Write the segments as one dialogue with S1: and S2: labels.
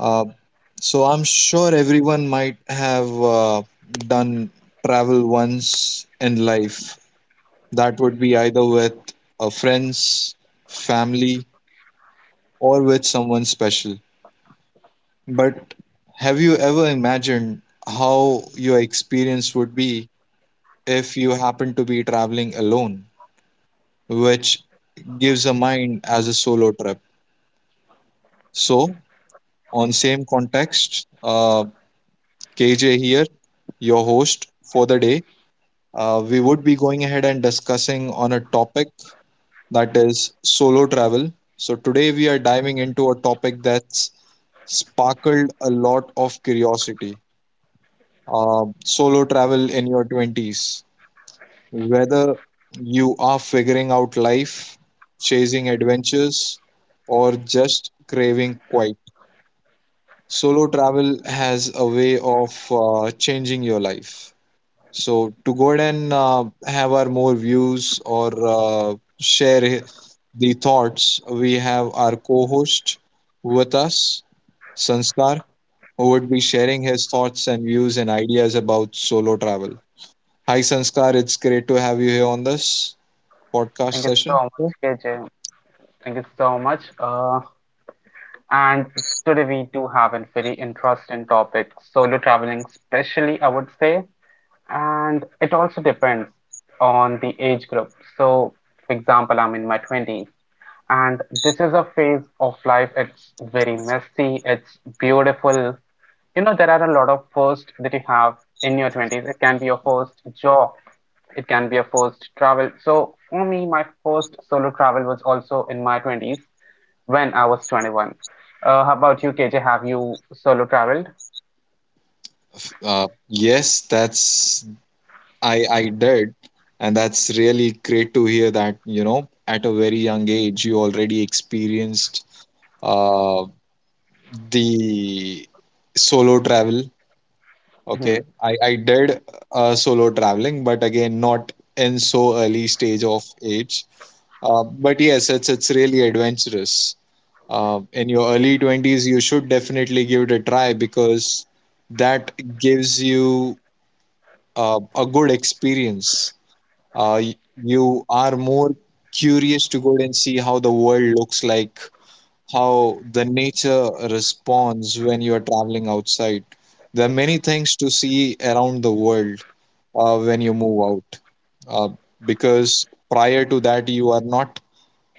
S1: Uh, so I'm sure everyone might have done travel once in life. That would be either with friends, family, or with someone special. But have you ever imagined how your experience would be if you happen to be traveling alone, which gives a mind as a solo trip? So, on same context, KJ here, your host for the day. We would be going ahead and discussing on a topic that is solo travel. So today we are diving into a topic that's sparkled a lot of curiosity. Solo travel in your 20s. Whether you are figuring out life, chasing adventures, or just craving quiet, solo travel has a way of changing your life. So to go ahead and have our more views or the thoughts, we have our co-host with us, Sanskar, who would be sharing his thoughts and views and ideas about solo travel. Hi, Sanskar. It's great to have you here on this podcast
S2: Thank you
S1: session.
S2: so much,
S1: Yeah.
S2: KJ. Thank you so much. And today we do have a very interesting topic, solo traveling, especially I would say, and it also depends on the age group. So, for example, I'm in my 20s, and this is a phase of life. It's very messy. It's beautiful. You know, there are a lot of firsts that you have in your 20s. It can be your first job, it can be a first travel. So for me, my first solo travel was also in my 20s when I was 21. How about you, KJ? Have you solo traveled?
S1: Yes, that's I did, and that's really great to hear that you know at a very young age you already experienced. Uh, the solo travel. Okay,
S2: Mhm.
S1: I did solo traveling, but again not in so early stage of age. But yes, it's really adventurous. In your early 20s, you should definitely give it a try because that gives you a good experience. Uh, y- you are more curious to go and see how the world looks like, how the nature responds when you are traveling outside. There are many things to see around the world when you move out uh, because prior to that, you are not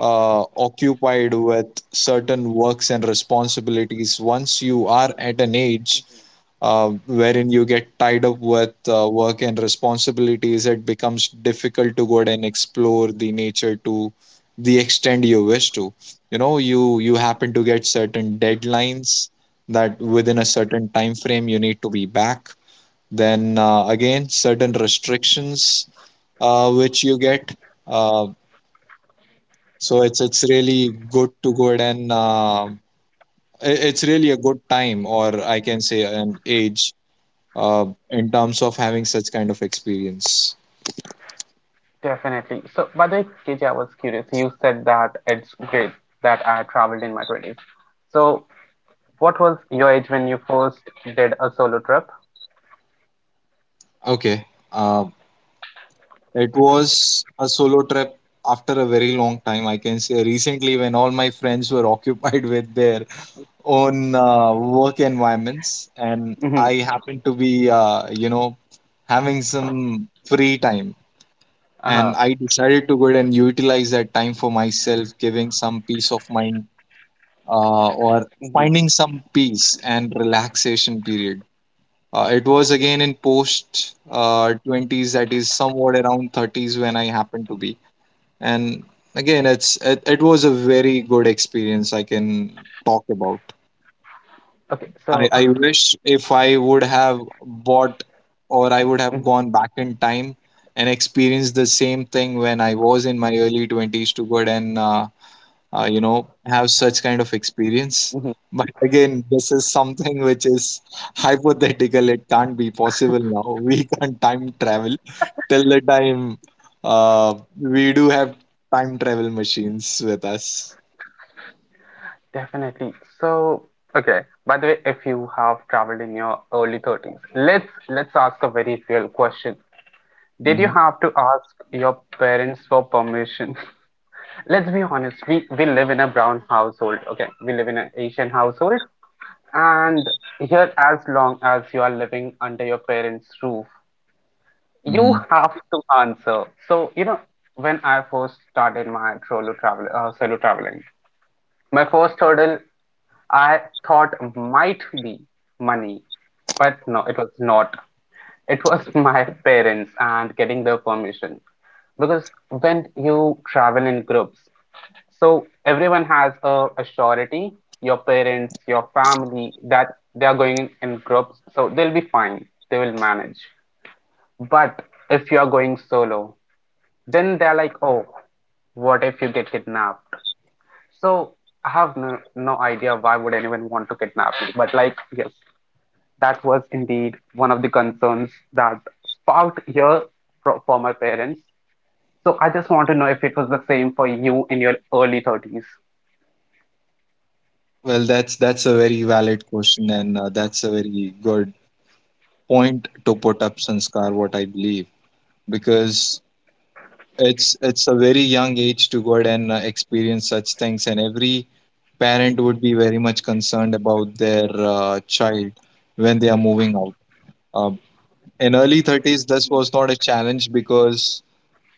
S1: occupied with certain works and responsibilities. Once you are at an age wherein you get tied up with work and responsibilities, it becomes difficult to go out and explore the nature to the extent you wish to. You know, you happen to get certain deadlines that within a certain time frame you need to be back. Then again, certain restrictions which you get. Uh, so it's really good to go ahead and it's really a good time, or I can say an age, in terms of having such kind of experience.
S2: Definitely. So, by the way, KJ, I was curious. You said that it's great that I traveled in my 20s. So, what was your age when you first did a solo trip?
S1: Okay. Uh, it was a solo trip after a very long time. I can say recently when all my friends were occupied with their own work environments, and
S2: Mm-hmm.
S1: I happened to be, you know, having some free time.
S2: Uh-huh.
S1: And I decided to go ahead and utilize that time for myself, giving some peace of mind, or
S2: Mm-hmm.
S1: finding some peace and relaxation period. It was again in post 20s, that is somewhat around 30s when I happened to be. And again, it was a very good experience I can talk about.
S2: Okay,
S1: I,
S2: so
S1: I wish if I would have bought or I would have gone back in time and experienced the same thing when I was in my early 20s to good and you know have such kind of experience,
S2: mhm.
S1: but again this is something which is hypothetical, it can't be possible now. We can't time travel till the time uh, we do have time travel machines with us.
S2: Definitely. So, okay. By the way, if you have traveled in your early 30s, let's ask a very real question. Did you
S1: Mhm,
S2: have to ask your parents for permission? Let's be honest. We live in a brown household. Okay, we live in an Asian household, and here, as long as you are living under your parents' roof, you
S1: mhm.
S2: have to answer. So, you know, when I first started my solo traveling, my first hurdle I thought might be money, but no, it was not. It was my parents and getting their permission. Because when you travel in groups, so everyone has a surety, your parents, your family, that they are going in groups, so they'll be fine. They will manage. But if you are going solo, then they're like, oh, what if you get kidnapped? So I have no, no idea why would anyone want to kidnap me, but like, yes, that was indeed one of the concerns that sparked here for my parents. So I just want to know if it was the same for you in your early 30s.
S1: Well that's a very valid question, and that's a very good point to put up, Sanskar, what I believe, because it's a very young age to go ahead and experience such things, and every parent would be very much concerned about their child when they are moving out. Uh, in early 30s, this was not a challenge because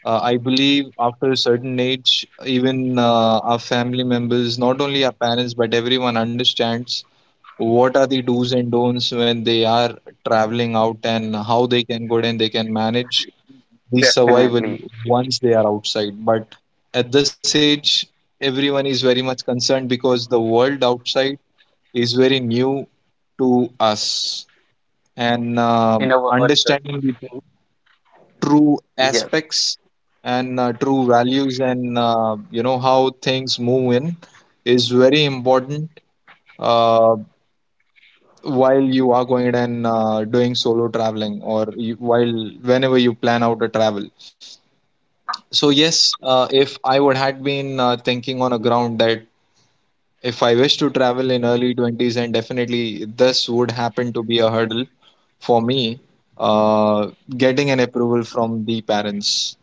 S1: I believe after a certain age, even our family members, not only our parents but everyone understands what are the do's and don'ts when they are traveling out and how they can go and they can manage
S2: Yeah.
S1: the
S2: Definitely.
S1: survival once they are outside. But at this age, everyone is very much concerned because the world outside is very new to us, and
S2: In our early
S1: understanding the
S2: 30s.
S1: true
S2: Yes.
S1: aspects and true values and, you know, how things move in, is very important uh, while you are going and doing solo traveling, or you, while whenever you plan out a travel. So yes, if I would had been thinking on a ground that, if I wish to travel in early 20s, and definitely this would happen to be a hurdle for me, uh, getting an approval from the parents.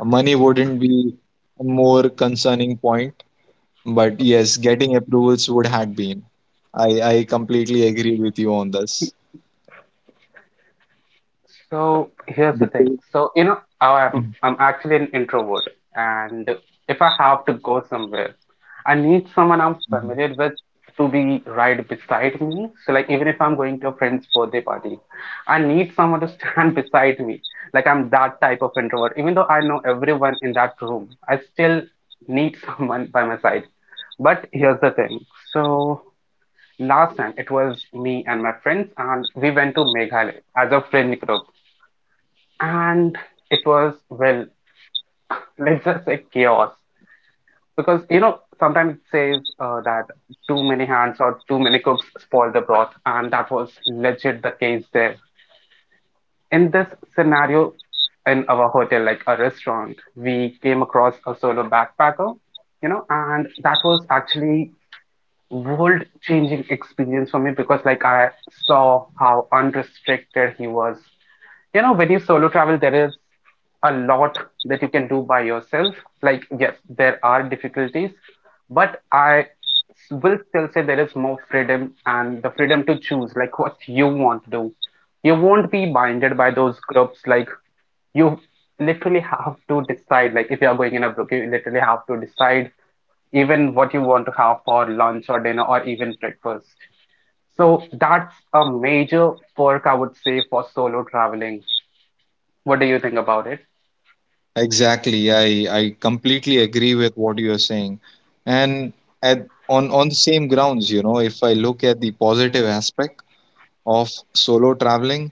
S1: Money wouldn't be a more concerning point, but yes, getting approvals would had been. I completely agree with you on this.
S2: So here's the thing.
S1: Because-
S2: So you know, I'm actually an introvert, and if I have to go somewhere, I need someone I'm
S1: Mhm.
S2: familiar with to be right beside me. So like even if I'm going to a friend's birthday party, I need someone to stand beside me. Like I'm that type of introvert. Even though I know everyone in that room, I still need someone by my side. But here's the thing. So last time it was me and my friends, and we went to Meghalaya as a friend group, and it was, well, let's just say chaos, because you know sometimes it says that too many hands or too many cooks spoil the broth, and that was legit the case there in this scenario. In our hotel, like a restaurant, we came across a solo backpacker, you know, and that was actually world changing experience for me because like I saw how unrestricted he was. You know, when you solo travel, there is a lot that you can do by yourself. Like, yes, there are difficulties, but I will still say there is more freedom and the freedom to choose like what you want to do. You won't be binded by those groups. Like, you literally have to decide. Like, if you are going in a group, you literally have to decide even what you want to have for lunch or dinner or even breakfast. So that's a major perk, I would say, for solo traveling. What do you think about it?
S1: Exactly. I completely agree with what you are saying. And at on the same grounds, you know, if I look at the positive aspect of solo traveling.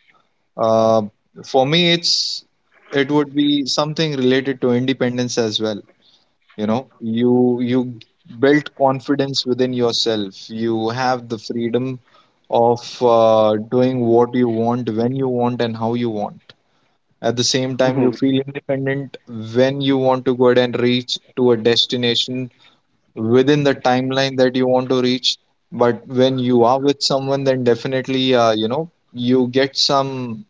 S1: Uh, for me, it's it would be something related to independence as well. You know, you built confidence within yourself. You have the freedom of doing what you want, when you want, and how you want. At the same time, you feel independent when you want to go ahead and reach to a destination within the timeline that you want to reach. But when you are with someone, then definitely, you know, you get some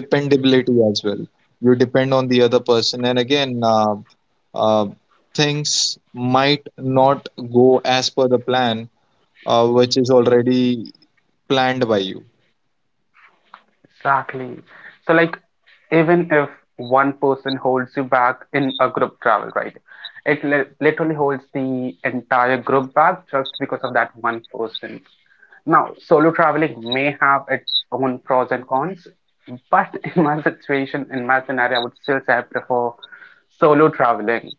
S1: dependability as well. You depend on the other person, and again, uh, things might not go as per the plan which is already planned by you.
S2: Exactly. So, like, even if one person holds you back in a group travel, right? It li literally holds the entire group back just because of that one person. Now, solo traveling may have its own pros and cons, but in my situation, in my scenario, I would still say I prefer solo traveling.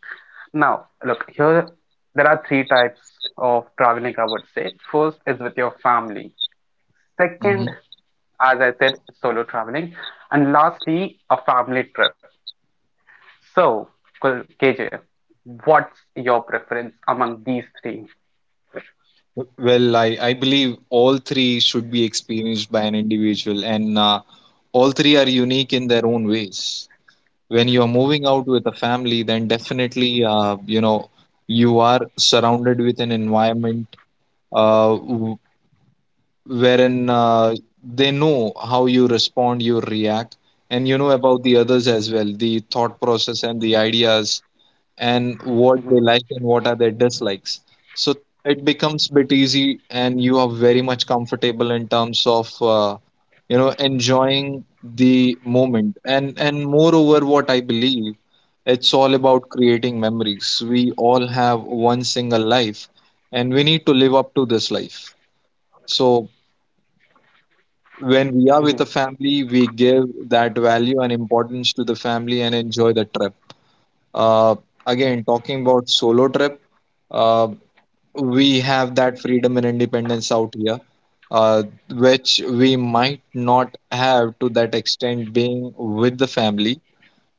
S2: Now, look, here there are three types of traveling, I would say. First is with your family.
S1: Hmm.
S2: Second, as I said, solo traveling. And lastly, a family trip. So, KJ, what's your preference among these 3?
S1: Well, I believe all three should be experienced by an individual, and all three are unique in their own ways. When you are moving out with a family, then definitely, you know, you are surrounded with an environment, uh, w- wherein they know how you respond, you react, and you know about the others as well, the thought process and the ideas and what they
S2: Mm-hmm.
S1: like and what are their dislikes. So it becomes bit easy and you are very much comfortable in terms of, you know, enjoying the moment. And moreover what I believe, it's all about creating memories. We all have one single life, and we need to live up to this life. So when we are with a
S2: Mm-hmm.
S1: family, we give that value and importance to the family and enjoy the trip. Uh, again, talking about solo trip, uh, we have that freedom and independence out here, uh, which we might not have to that extent being with the family,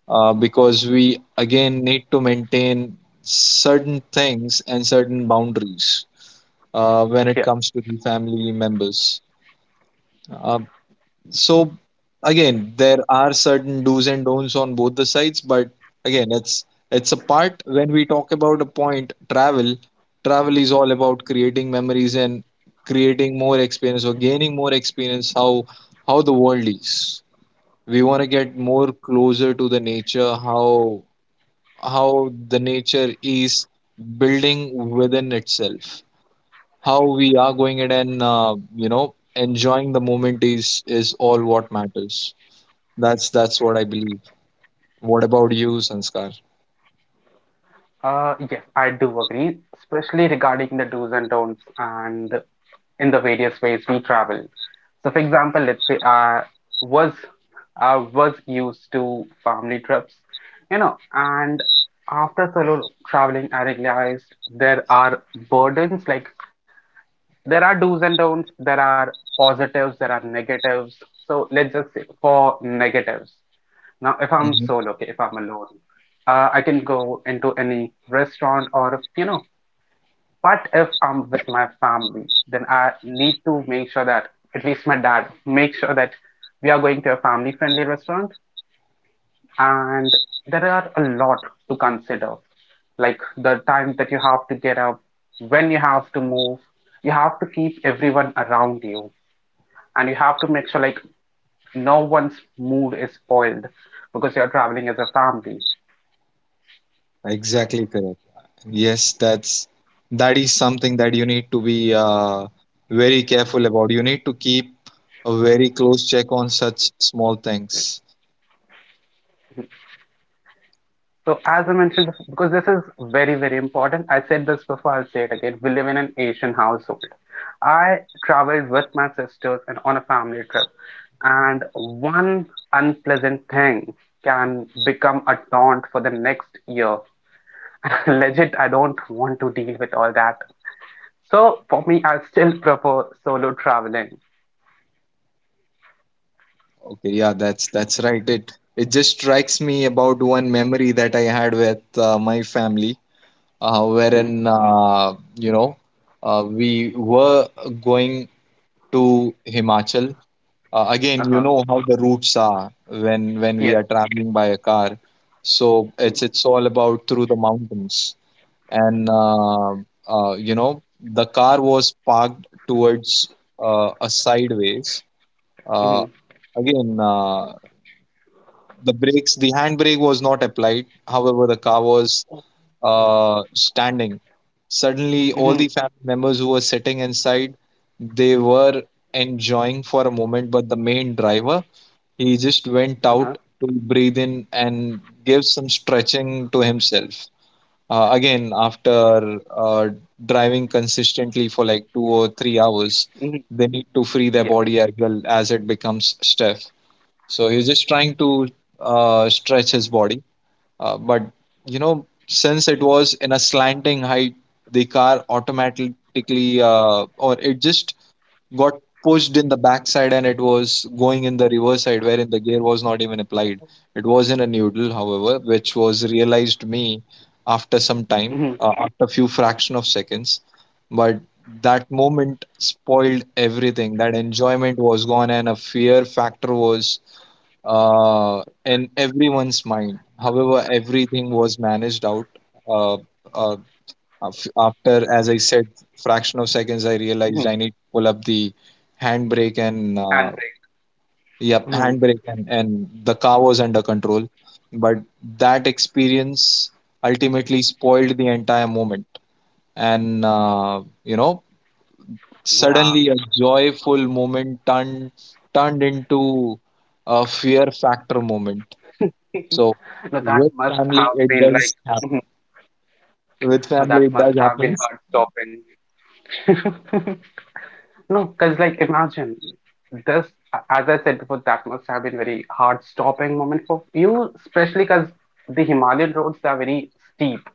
S1: because we again need to maintain certain things and certain boundaries when it
S2: Yeah.
S1: comes to the family members. Uh, so again, there are certain do's and don'ts on both the sides, but again, it's a part when we talk about a point travel. Travel is all about creating memories and creating more experience or gaining more experience, how the world is. We want to get more closer to the nature, how the nature is building within itself, how we are going it and, you know, enjoying the moment is all what matters. That's what I believe. What about you, Sanskar?
S2: Yes, I do agree, especially regarding the do's and don'ts and in the various ways we travel. So, for example, let's say was I was used to family trips, you know, and after solo traveling, I realized there are burdens, like there are do's and don'ts, there are positives, there are negatives. So let's just say for negatives. Now, if I'm
S1: Mhm.
S2: solo, okay, if I'm alone, I can go into any restaurant, or you know, what if I'm with my family? Then I need to make sure that at least my dad make sure that we are going to a family friendly restaurant, and there are a lot to consider, like the time that you have to get up, when you have to move. You have to keep everyone around you, and you have to make sure like no one's mood is spoiled because you're traveling as a family.
S1: Exactly correct. Yes, that's that is something that you need to be very careful about. You need to keep a very close check on such small things.
S2: So as I mentioned before, because this is very, very important, I said this before, I'll say it again. We live in an Asian household. I traveled with my sisters and on a family trip, and one unpleasant thing can become a taunt for the next year. Legit, I don't want to deal with all that. So for me, I still prefer solo traveling.
S1: Okay, yeah, that's right. It just strikes me about one memory that I had with my family,
S2: Hmm.
S1: wherein you know we were going to Himachal, again you
S2: Uh-huh.
S1: know how the routes are when we
S2: Yes.
S1: are traveling by a car. So it's
S2: Mm-hmm.
S1: it's all about through the mountains, and you know, the car was parked towards a sideways, uh,
S2: Mm-hmm.
S1: again the brakes the handbrake was not applied, however the car was uh, standing. Suddenly
S2: Mm-hmm.
S1: all the family members who were sitting inside, they were enjoying for a moment, but the main driver, he just went
S2: Uh-huh.
S1: out to breathe in and give some stretching to himself. Again, after driving consistently for like 2 or 3 hours,
S2: Mm-hmm.
S1: they need to free their
S2: Yes.
S1: body as well as it becomes stiff. So he's just trying to stretch his body. But, you know, since it was in a slanting height, the car automatically, or it just got pushed in the backside and it was going in the reverse side wherein the gear was not even applied. It was in a noodle, however, which was realized me after some time,
S2: Mm-hmm.
S1: after a few fraction of seconds. But that moment spoiled everything. That enjoyment was gone and a fear factor was in everyone's mind. However, everything was managed out. Uh, uh, After, as I said, fraction of seconds, I
S2: Mm-hmm.
S1: realized I need to pull up the handbrake, and
S2: Handbrake.
S1: yep,
S2: Mm-hmm.
S1: handbrake, and the car was under control. But that experience ultimately spoiled the entire moment. And uh, you know, suddenly
S2: Yeah,
S1: a joyful moment turned into a fear factor moment. So
S2: no,
S1: with
S2: that must
S1: family, it
S2: have been
S1: does happen.
S2: like,
S1: With
S2: no,
S1: family, it
S2: that
S1: does
S2: must have been
S1: happens.
S2: heart stopping. No, because like imagine this, as I said before, that must have been very heart stopping moment for you, especially because the Himalayan roads they are very steep,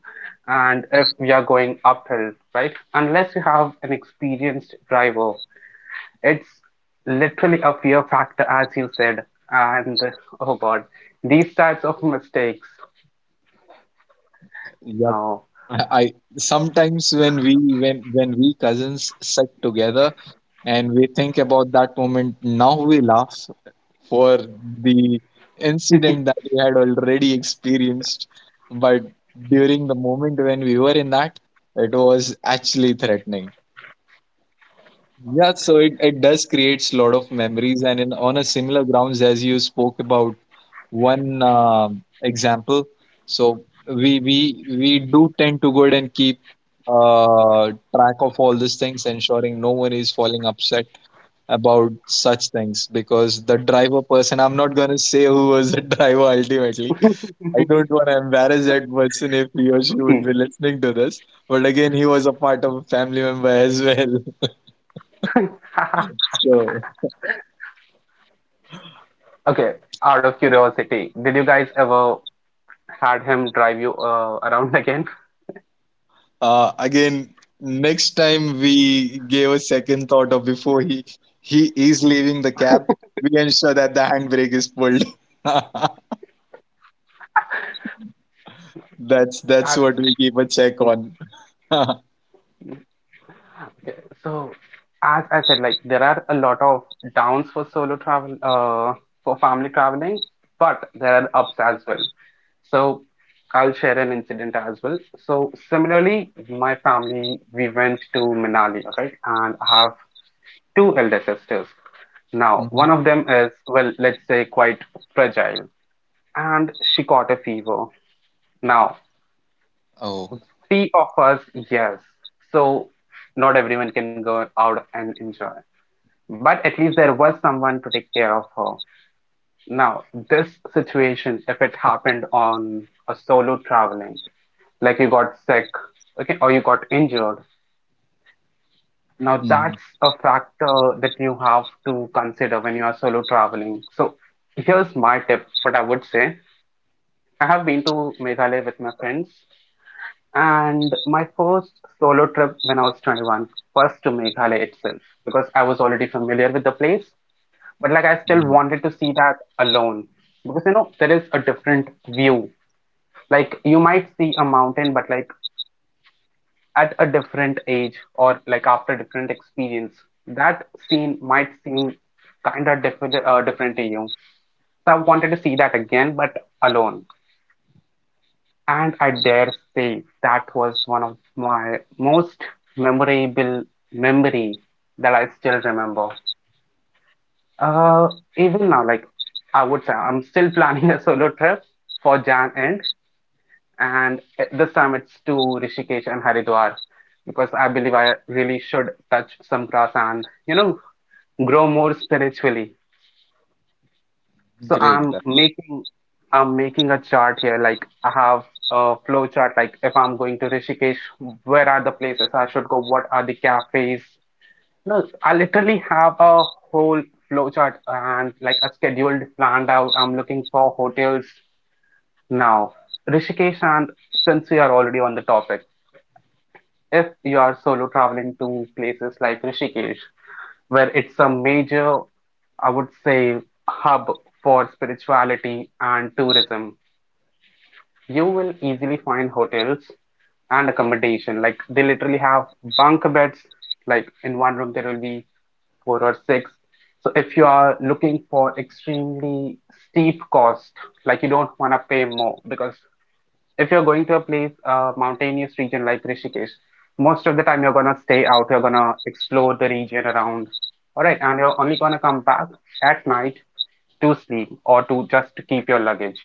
S2: and if we are going uphill, right? Unless you have an experienced driver, it's literally a fear factor, as you said. And oh God, these types of mistakes, no.
S1: I I- sometimes when we when we cousins sit together and we think about that moment, now we laugh for the incident that we had already experienced. But during the moment when we were in that, it was actually threatening. Yeah, so it does creates a lot of memories, and in on a similar grounds as you spoke about one example. So we do tend to go ahead and keep track of all these things, ensuring no one is falling upset about such things because the driver person, I'm not gonna say who was the driver ultimately. I don't want to embarrass that person if he or she would be listening to this. But again, he was a part of a family member as well. So
S2: Okay, out of curiosity, did you guys ever had him drive you around again?
S1: Again, next time we gave a second thought of before he is leaving the cab, we ensure that the handbrake is pulled. That's
S2: That's
S1: what we keep a check on.
S2: okay. So, as I said, like there are a lot of downs for solo travel, for family traveling, but there are ups as well. So, I'll share an incident as well. So, similarly, my family, we went to Manali, right? And I have two elder sisters. Now, one
S1: Mhm.
S2: of them is, well, let's say quite fragile, and she caught a fever. Now,
S1: Oh,
S2: three of us, yes. So not everyone can go out and enjoy. But at least there was someone to take care of her. Now, this situation, if it happened on a solo traveling, like you got sick, okay, or you got injured, now
S1: mhm.
S2: that's a factor that you have to consider when you are solo traveling. So here's my tip, what I would say. I have been to Meghalaya with my friends, and my first solo trip when I was 21 was to Meghalaya itself because I was already familiar with the place, but like I still
S1: Mhm.
S2: wanted to see that alone because you know there is a different view. Like you might see a mountain, but like at a different age or like after different experience, that scene might seem kind of different to you. So I wanted to see that again, but alone. And I dare say that was one of my most memorable memories that I still remember. Uh, even now, like I would say, I'm still planning a solo trip for Jan end, and this time it's to Rishikesh and Haridwar because I believe I really should touch some grass and you know grow more spiritually. So
S1: Great. That
S2: I'm making a chart here. Like I have a flow chart. Like if I'm going to Rishikesh, where are the places I should go? What are the cafes? No, I literally have a whole flow chart and like a scheduled planned out. I'm looking for hotels now. Rishikesh, and since we are already on the topic, if you are solo traveling to places like Rishikesh where it's a major, I would say, hub for spirituality and tourism. You will easily find hotels and accommodation. Like they literally have bunk beds. Like in one room there will be four or six. So if you are looking for extremely steep cost, like you don't want to pay more, because if you're going to a place, a mountainous region like Rishikesh, most of the time you're gonna stay out, you're gonna explore the region around, all right, and you're only gonna come back at night to sleep or to just to keep your luggage.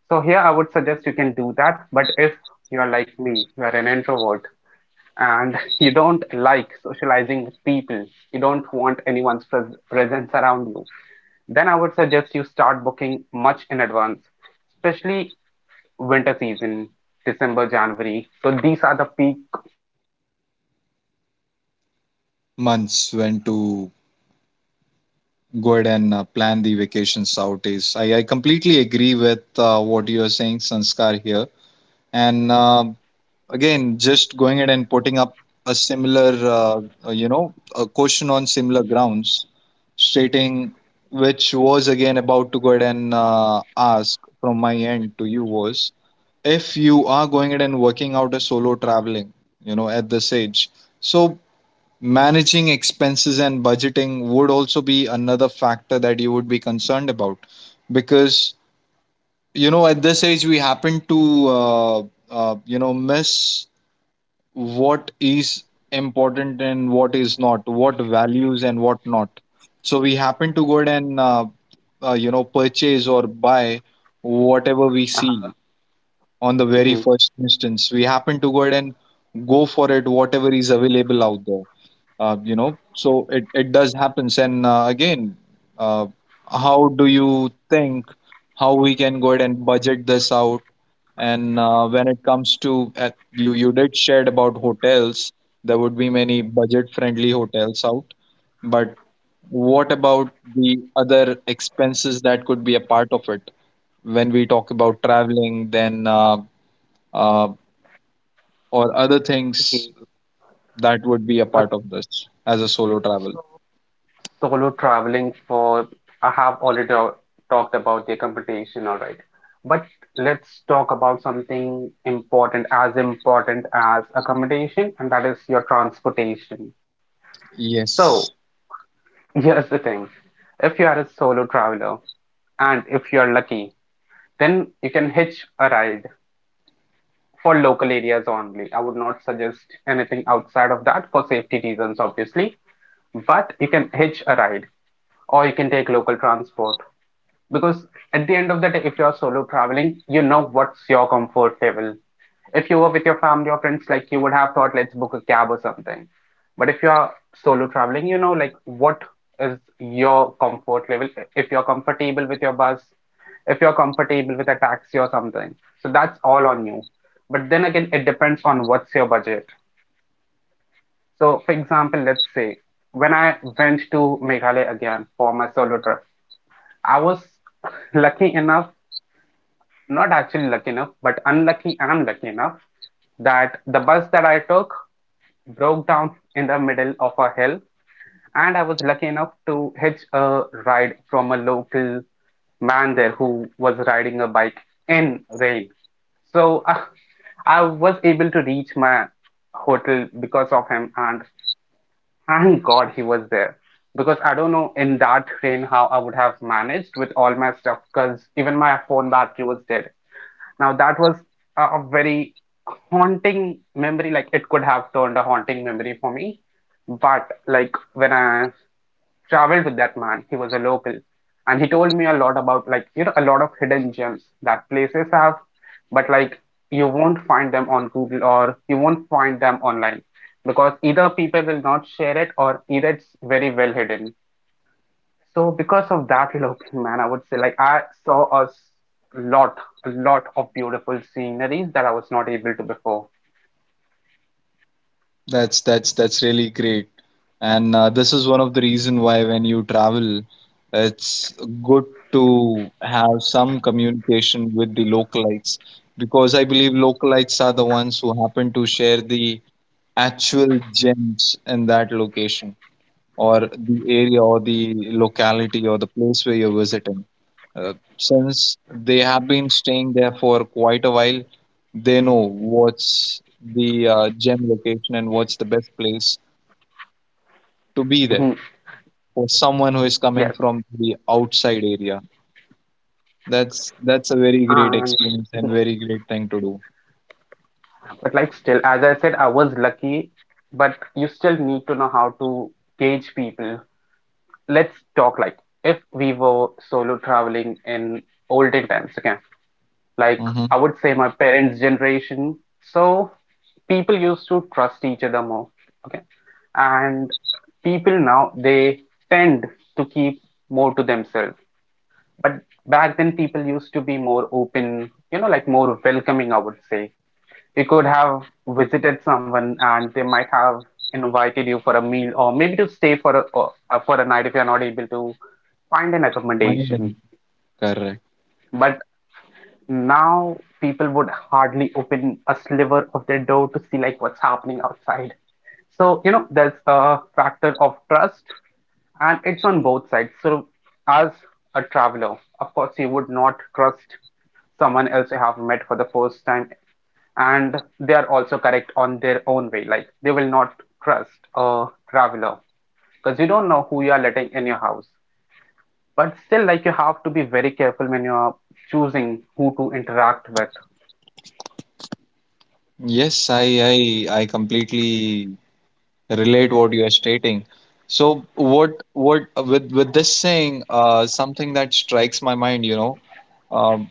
S2: So here I would suggest you can do that, but if you're like me, you're an introvert and you don't like socializing with people, you don't want anyone's presence around you, then I would suggest you start booking much in advance, especially winter season, December, January. So these are the peak tourism season for these places.
S1: months when to
S2: So you have to prepare well in
S1: go
S2: advance,
S1: ahead
S2: like
S1: and
S2: two months
S1: plan the
S2: before.
S1: vacations out is. I completely agree with what you are saying, Sanskar here. And again just going ahead and putting up a similar a question on similar grounds stating which was again about to go ahead and ask from my end to you was if you are going ahead and working out a solo traveling, you know, at this age, so managing expenses and budgeting would also be another factor
S2: Mm-hmm.
S1: that you would be concerned about because you know at this age we happen to uh, miss what is important and what is not, what values and what not, so we happen to go ahead and purchase or buy whatever we
S2: Uh,
S1: see on the
S2: mhm.
S1: very first instance we happen to go ahead and go for it whatever is available out there. So it does happens, and again uh, how do you think how we can go ahead and budget this out? And when it comes to you you did shared about hotels, there would be many budget friendly hotels out, but what about the other expenses that could be a part of it when we talk about traveling, then uh, or other things
S2: Okay.
S1: that would be a part of this as a solo travel.
S2: Solo traveling for, I have already al- Talked about the accommodation, all right. But let's talk about something important as accommodation, and that is your transportation. So,
S1: Yes.
S2: here's the thing. If you are a solo traveler and if you are lucky, then you can hitch a ride for local areas only. I would not suggest anything outside of that for safety reasons, obviously, but you can hitch a ride or you can take local transport, because at the end of the day, if you're solo traveling, you know what's your comfort level. If you were with your family or friends, like, you would have thought let's book a cab or something, but if you are solo traveling, you know, like, what is your comfort level. If you're comfortable with your bus, if you're comfortable with a taxi or something, so that's all on you. But then again, it depends on what's your budget. So for example, let's say, when I went to Meghalaya again for my solo trip, I was lucky enough, not actually lucky enough, but unlucky and lucky enough, that the bus that I took broke down in the middle of a hill, and I was lucky enough to hitch a ride from a local man there who was riding a bike in rain. So I was able to reach my hotel because of him, and thank God he was there. Because I don't know in that rain how I would have managed with all my stuff, because even my phone battery was dead. Now that was a very haunting memory. Like, it could have turned a haunting memory for me. But like, when I traveled with that man, he was a local, and he told me a lot about, like, you know, a lot of hidden gems that places have, but like, you won't find them on Google or you won't find them online, because either people will not share it or either it's very well hidden. So because of that eloping, man, I would say, like, I saw lot, a lot of beautiful sceneries that I was not able to before.
S1: That's that's really great, and this is one of the reason why when you travel, it's good to have some communication with the localites because I believe localites are the ones who happen to share the actual gems in that location or the area or the locality or the place where you're visiting. Since they have been staying there for quite a while, they know what's the gem location and what's the best place to be there
S2: Mhm.
S1: for someone who is coming
S2: Yes,
S1: from the outside area. That's a very great
S2: and
S1: experience and
S2: mhm.
S1: very great thing to do.
S2: But like, still, as I said, I was lucky, but you still need to know how to gauge people. Let's talk, like, if we were solo traveling in olden times, okay? Like,
S1: Mm-hmm.
S2: I would say my parents' generation. So people used to trust each other more. Okay. And people now, they tend to keep more to themselves. But back then people used to be more open, you know, like more welcoming, I would say. You could have visited someone and they might have invited you for a meal or maybe to stay for a or, for a night if you're not able to find an
S1: Mind
S2: accommodation.
S1: and correct.
S2: But now people would hardly open a sliver of their door to see, like, what's happening outside. So, you know, there's a factor of trust and it's on both sides. So as a traveler, of course you would not trust someone else you have met for the first time, and they are also correct on their own way. Like, they will not trust a traveler because you don't know who you are letting in your house. But still, like, you have to be very careful when you are choosing who to interact with.
S1: Yes, I completely relate what you are stating. So what with this saying, something that strikes my mind, you know, um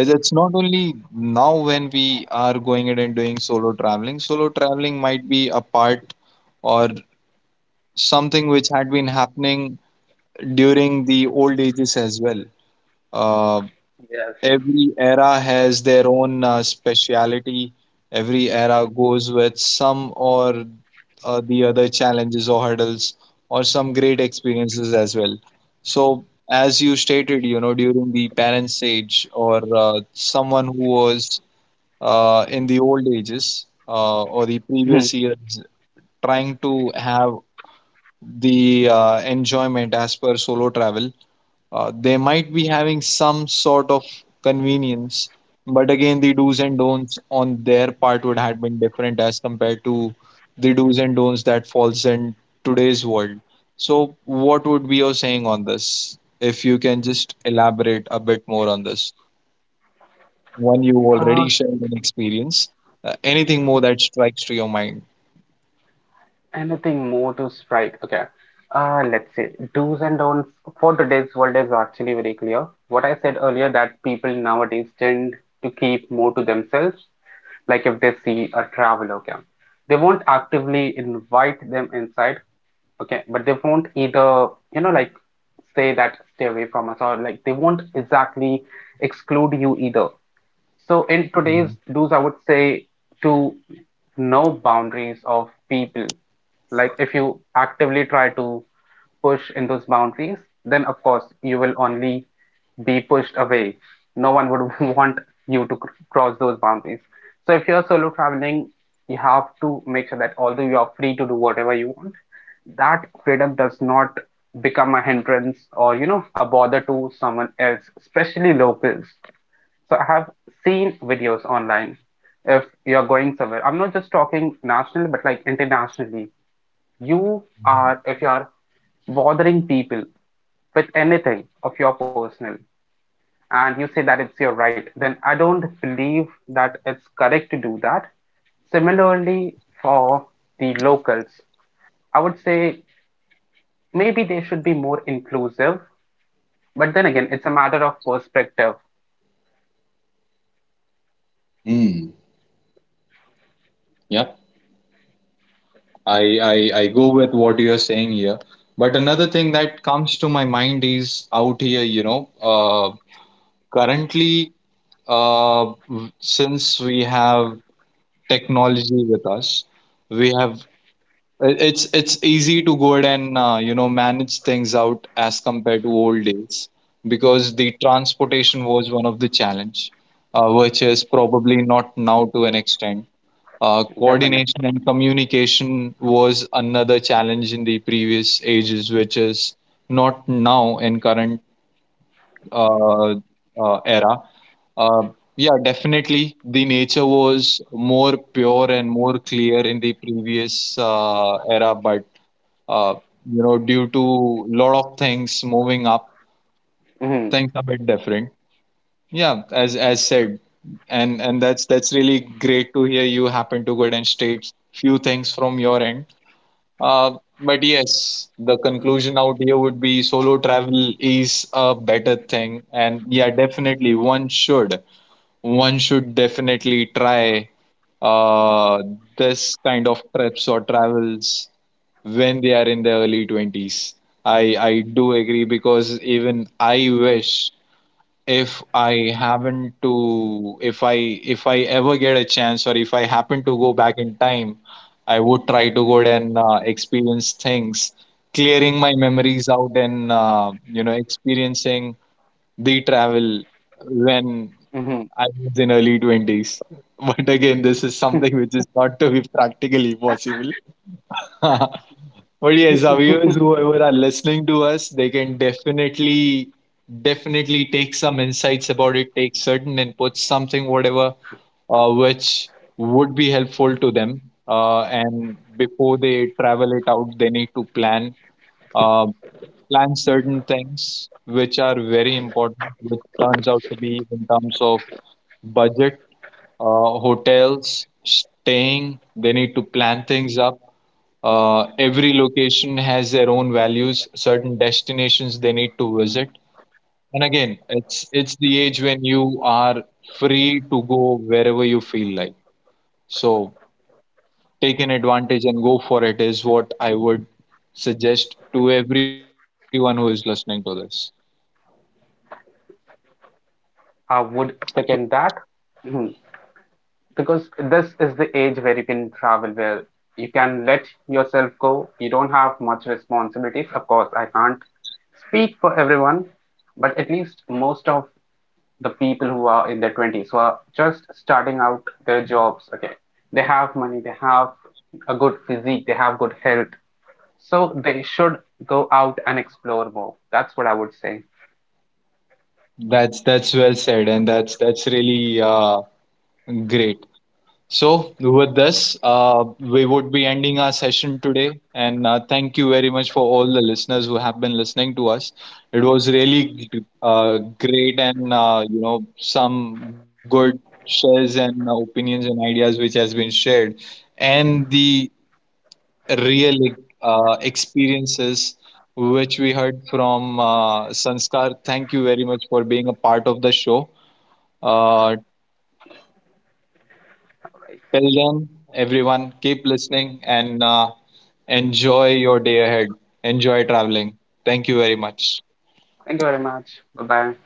S1: as it's not only now when we are going ahead and doing solo traveling. Solo traveling might be a part or something which had been happening during the old ages as well. Uh,
S2: Yes.
S1: every era has their own speciality. Every era goes with some or the other challenges or hurdles or some great experiences as well. So, as you stated, you know, during the parents' age or someone who was in the old ages or the
S2: Hmm.
S1: previous years trying to have the enjoyment as per solo travel, they might be having some sort of convenience, but again the do's and don'ts on their part would have been different as compared to the do's and don'ts that falls in today's world. So what would be your saying on this if you can just elaborate a bit more on this one? You
S2: Uh,
S1: already shared an experience. Anything more that strikes to your mind?
S2: Anything more to strike? Okay. Let's say do's and don'ts for today's world is actually very clear. What I said earlier, that people nowadays tend to keep more to themselves, like if they see a traveler, okay. They won't actively invite them inside, okay, but they won't either, you know, like say that stay away from us, or like they won't exactly exclude you either. So in today's
S1: Mhm.
S2: do's, I would say to know boundaries of people. Like, if you actively try to push in those boundaries, then of course you will only be pushed away. No one would want you to cross those boundaries. So if you're solo traveling, you have to make sure that although you are free to do whatever you want, that freedom does not become a hindrance or, you know, a bother to someone else, especially locals. So I have seen videos online. If you're going somewhere, I'm not just talking nationally, but like internationally. You are, if you are bothering people with anything of your personal and you say that it's your right, then I don't believe that it's correct to do that. Similarly, for the locals, I would say maybe they should be more inclusive, but then again, it's a matter of perspective.
S1: Mm, yep. I go with what you're saying here. But another thing that comes to my mind is out here, you know, currently, since we have technology with us, we have it's easy to go ahead and manage things out as compared to old days because the transportation was one of the challenge, which is probably not now to an extent.
S2: Definitely.
S1: Coordination and communication was another challenge in the previous ages, which is not now in current uh, era. Uh, yeah, definitely the nature was more pure and more clear in the previous era, but uh, due to lot of things moving up,
S2: Hmm.
S1: things a bit different. Yeah, as said, and that's really great to hear. You happen to go ahead and state few things from your end. But yes, the conclusion out here would be solo travel is a better thing. And yeah, definitely one should. One should definitely try uh, this kind of trips or travels when they are in their early 20s. I do agree because even I wish if I haven't to if I ever get a chance or if I happen to go back in time, I would try to go and experience things, clearing my memories out and experiencing the travel when
S2: Hmm.
S1: I was in early 20s. But again, this is something which is not to be practically possible. But yes, our viewers, whoever are listening to us, they can definitely take some insights about it, take certain inputs, something, whatever, which would be helpful to them. And before they travel it out, they need to plan, uh, plan certain things which are very important, which turns out to be in terms of budget, hotels, staying. They need to plan things up. Every location has their own values, certain destinations they need to visit. And again, it's the age when you are free to go wherever you feel like. So take an advantage and go for it is what I would suggest to everyone who is listening to this.
S2: I would second that because this is the age where you can travel, where you can let yourself go. You don't have much responsibilities. Of course, I can't speak for everyone, but at least most of the people who are in their 20s, who are just starting out their jobs, okay, they have money, they have a good physique, they have good health. So they should go out and explore more. That's what I would say.
S1: That's well said, and that's really great. So, with this, we would be ending our session today. And thank you very much for all the listeners who have been listening to us. It was really great and, you know, some good shares and opinions and ideas which has been shared, and the real experiences which we heard from Sanskar. Thank you very much for being a part of the show. Uh, Till then, everyone, keep listening and enjoy your day ahead. Enjoy traveling. Thank you very much.
S2: Thank you very much. Bye bye.